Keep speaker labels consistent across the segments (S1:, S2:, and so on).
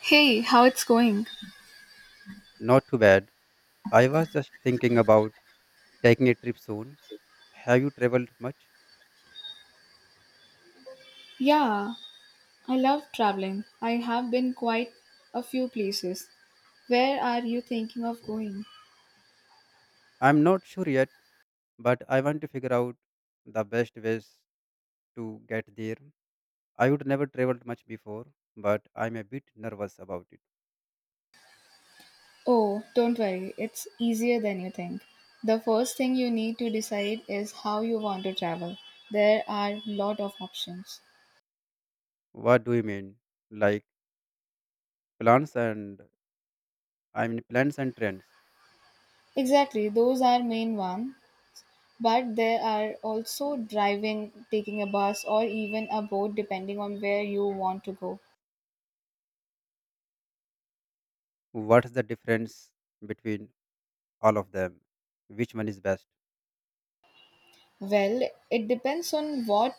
S1: Hey, how it's going?
S2: Not too bad. I was just thinking about taking a trip soon. Have you traveled much?
S1: Yeah, I love traveling. I have been quite a few places. Where are you thinking of going?
S2: I'm not sure yet, but I want to figure out the best ways to get there. I would never traveled much before, but I'm a bit nervous about it.
S1: Oh, don't worry, it's easier than you think. The first thing you need to decide is how you want to travel. There are lot of options.
S2: What do you mean? Like plans and plans and trends.
S1: Exactly, those are main one, but there are also driving, taking a bus or even a boat depending on where you want to go.
S2: What's the difference between all of them? Which one is best?
S1: Well, it depends on what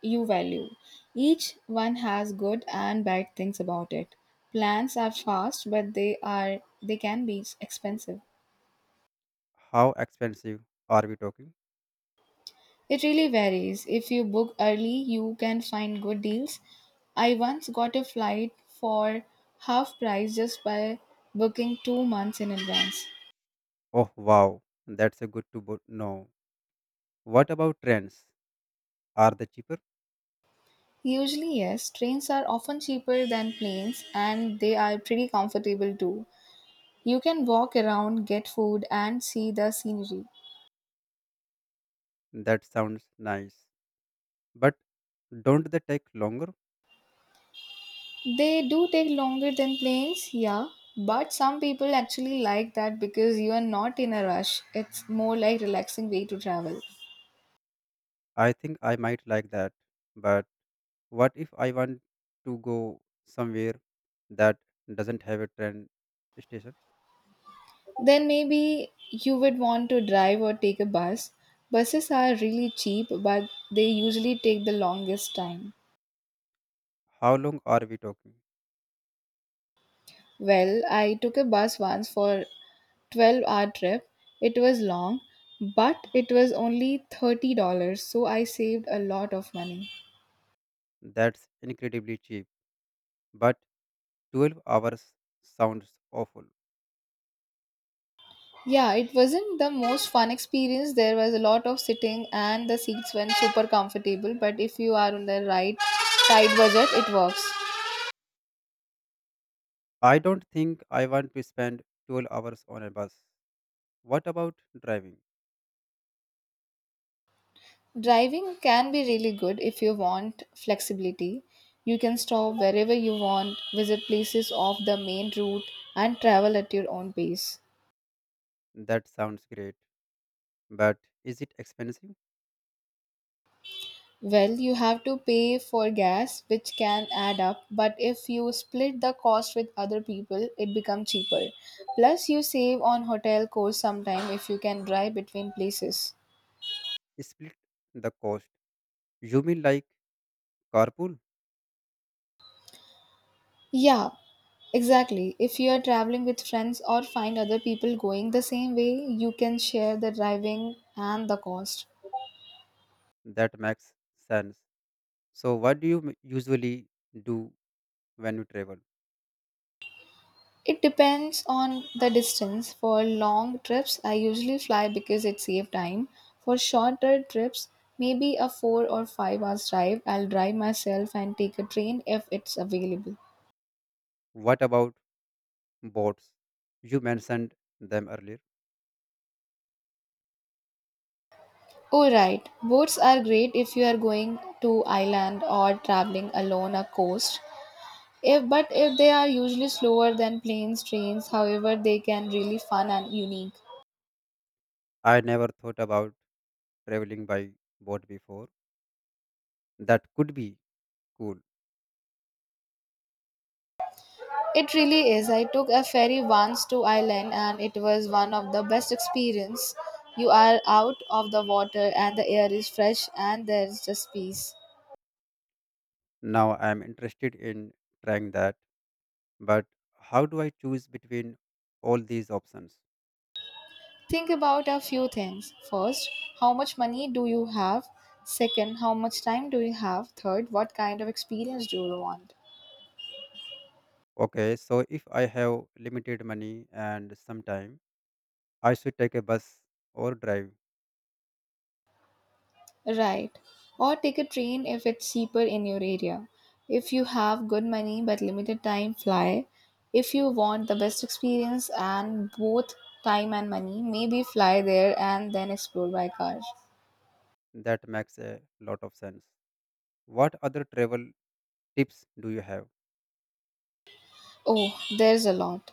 S1: you value. Each one has good and bad things about it. Plans are fast, but they can be expensive.
S2: How expensive are we talking?
S1: It really varies. If you book early, you can find good deals. I once got a flight for half price just by booking 2 months in advance.
S2: Oh wow, that's a good to know. What about trends? Are the cheaper?
S1: Usually, yes, trains are often cheaper than planes and they are pretty comfortable too. You can walk around, get food, and see the scenery.
S2: That sounds nice. But don't they take longer?
S1: They do take longer than planes, yeah, but some people actually like that because you are not in a rush. It's more like relaxing way to travel.
S2: I think I might like that. But what if I want to go somewhere that doesn't have a train station?
S1: Then maybe you would want to drive or take a bus. Buses are really cheap, but they usually take the longest time.
S2: How long are we talking?
S1: Well, I took a bus once for 12-hour trip. It was long, but it was only $30, so I saved a lot of money.
S2: That's incredibly cheap. But 12 hours sounds awful.
S1: Yeah, it wasn't the most fun experience. There was a lot of sitting and the seats weren't super comfortable, but if you are on the right tight budget, it works.
S2: I don't think I want to spend 12 hours on a bus. What about driving?
S1: Driving can be really good if you want flexibility. You can stop wherever you want, visit places off the main route, and travel at your own pace.
S2: That sounds great. But is it expensive?
S1: Well, you have to pay for gas, which can add up, but if you split the cost with other people, it becomes cheaper. Plus, you save on hotel costs sometime if you can drive between places.
S2: Split the cost. You mean like carpool?
S1: Yeah, exactly. If you are traveling with friends or find other people going the same way, you can share the driving and the cost.
S2: That makes sense. So, what do you usually do when you travel?
S1: It depends on the distance. For long trips, I usually fly because it saves time. For shorter trips, maybe a 4 or 5 hours drive, I'll drive myself and take a train if it's available.
S2: What about boats? You mentioned them earlier.
S1: Oh right, boats are great if you are going to island or traveling alone a coast. If but if they are usually slower than planes, trains, however they can really fun and unique.
S2: I never thought about traveling by boat before. That could be cool.
S1: It really is. I took a ferry once to Ireland and it was one of the best experience. You are out of the water and the air is fresh and there is just peace.
S2: Now I am interested in trying that. But how do I choose between all these options?
S1: Think about a few things. First, how much money do you have? Second, how much time do you have? Third, what kind of experience do you want?
S2: Okay, so if I have limited money and some time, I should take a bus or drive.
S1: Right. Or take a train if it's cheaper in your area. If you have good money but limited time, fly. If you want the best experience and both time and money, maybe fly there and then explore by car.
S2: That makes a lot of sense. What other travel tips do you have?
S1: Oh, there's a lot.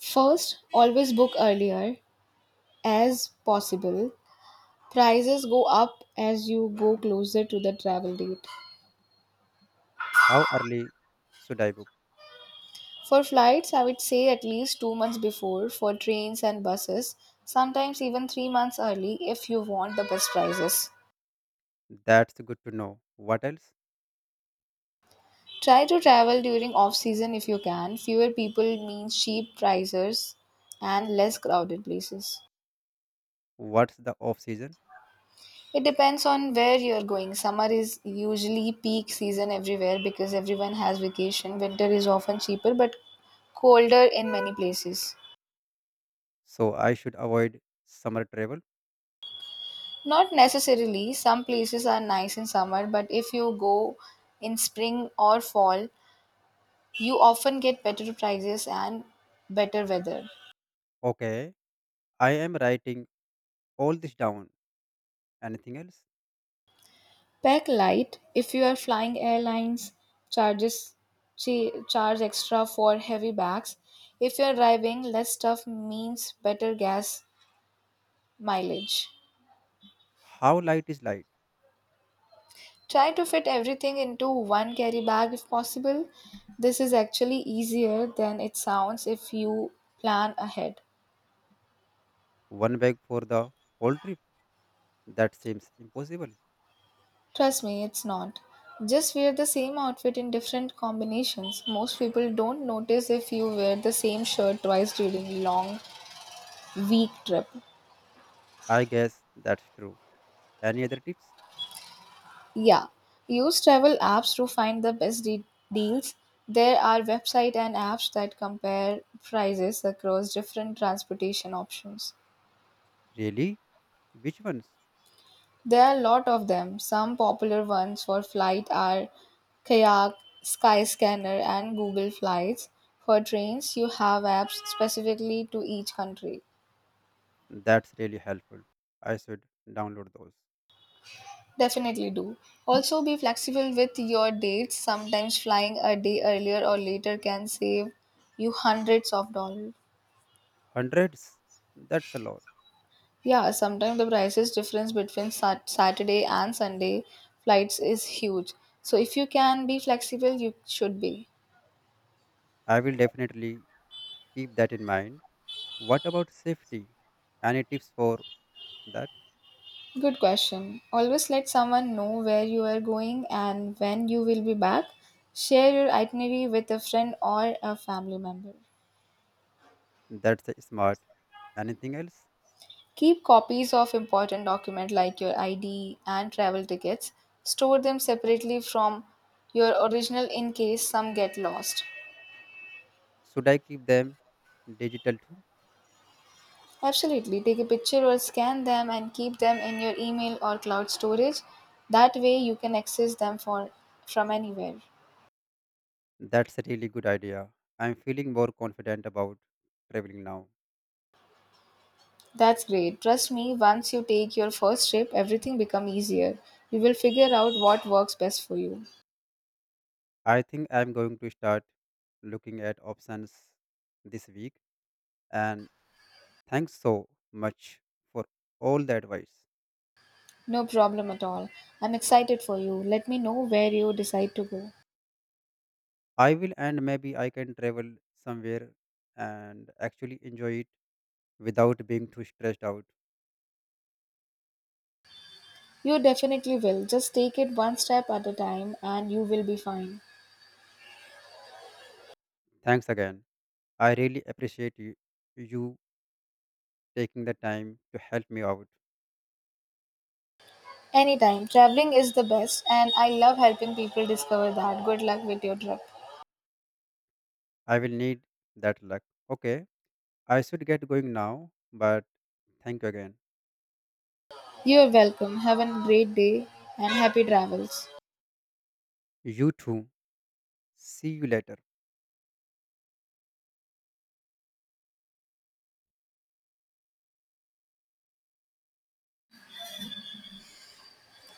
S1: First, always book earlier as possible. Prices go up as you go closer to the travel date.
S2: How early should I book?
S1: For flights, I would say at least 2 months before, for trains and buses, sometimes even 3 months early if you want the best prices.
S2: That's good to know. What else?
S1: Try to travel during off season if you can. Fewer people means cheap prices and less crowded places.
S2: What's the off season?
S1: It depends on where you're going. Summer is usually peak season everywhere because everyone has vacation. Winter is often cheaper but colder in many places.
S2: So I should avoid summer travel.
S1: Not necessarily. Some places are nice in summer, but if you go in spring or fall, you often get better prices and better weather.
S2: Okay, I am writing all this down. Anything else?
S1: Pack light if you are flying airlines charges charge extra for heavy bags. If you are driving, less stuff means better gas mileage.
S2: How light is light?
S1: Try to fit everything into one carry bag if possible. This is actually easier than it sounds if you plan ahead.
S2: One bag for the whole trip? That seems impossible.
S1: Trust me, it's not. Just wear the same outfit in different combinations. Most people don't notice if you wear the same shirt twice during long week trip.
S2: I guess that's true. Any other tips?
S1: Yeah. Use travel apps to find the best deals. There are website and apps that compare prices across different transportation options.
S2: Really? Which ones?
S1: There are a lot of them. Some popular ones for flight are Kayak, Skyscanner, and Google Flights. For trains, you have apps specifically to each country.
S2: That's really helpful. I should download those.
S1: Definitely do. Also, be flexible with your dates. Sometimes flying a day earlier or later can save you hundreds of dollars.
S2: Hundreds? That's a lot.
S1: Yeah, sometimes the prices difference between Saturday and Sunday flights is huge. So if you can be flexible, you should be.
S2: I will definitely keep that in mind. What about safety? Any tips for that?
S1: Good question. Always let someone know where you are going and when you will be back. Share your itinerary with a friend or a family member.
S2: That's a smart. Anything else?
S1: Keep copies of important documents like your ID and travel tickets. Store them separately from your original in case some get lost.
S2: Should I keep them digital too?
S1: Absolutely. Take a picture or scan them and keep them in your email or cloud storage. That way you can access them for from anywhere.
S2: That's a really good idea. I'm feeling more confident about traveling now.
S1: That's great. Trust me, once you take your first trip, everything become easier. You will figure out what works best for you.
S2: I think I'm going to start looking at options this week. And thanks so much for all the advice.
S1: No problem at all. I'm excited for you. Let me know where you decide to go.
S2: I will, and maybe I can travel somewhere and actually enjoy it without being too stressed out.
S1: You definitely will. Just take it one step at a time and you will be fine.
S2: Thanks again. I really appreciate you taking the time to help me out.
S1: Anytime. Traveling is the best and I love helping people discover that. Good luck with your trip.
S2: I will need that luck. Okay, I should get going now, but thank you again.
S1: You're welcome. Have a great day and happy travels.
S2: You too. See you later.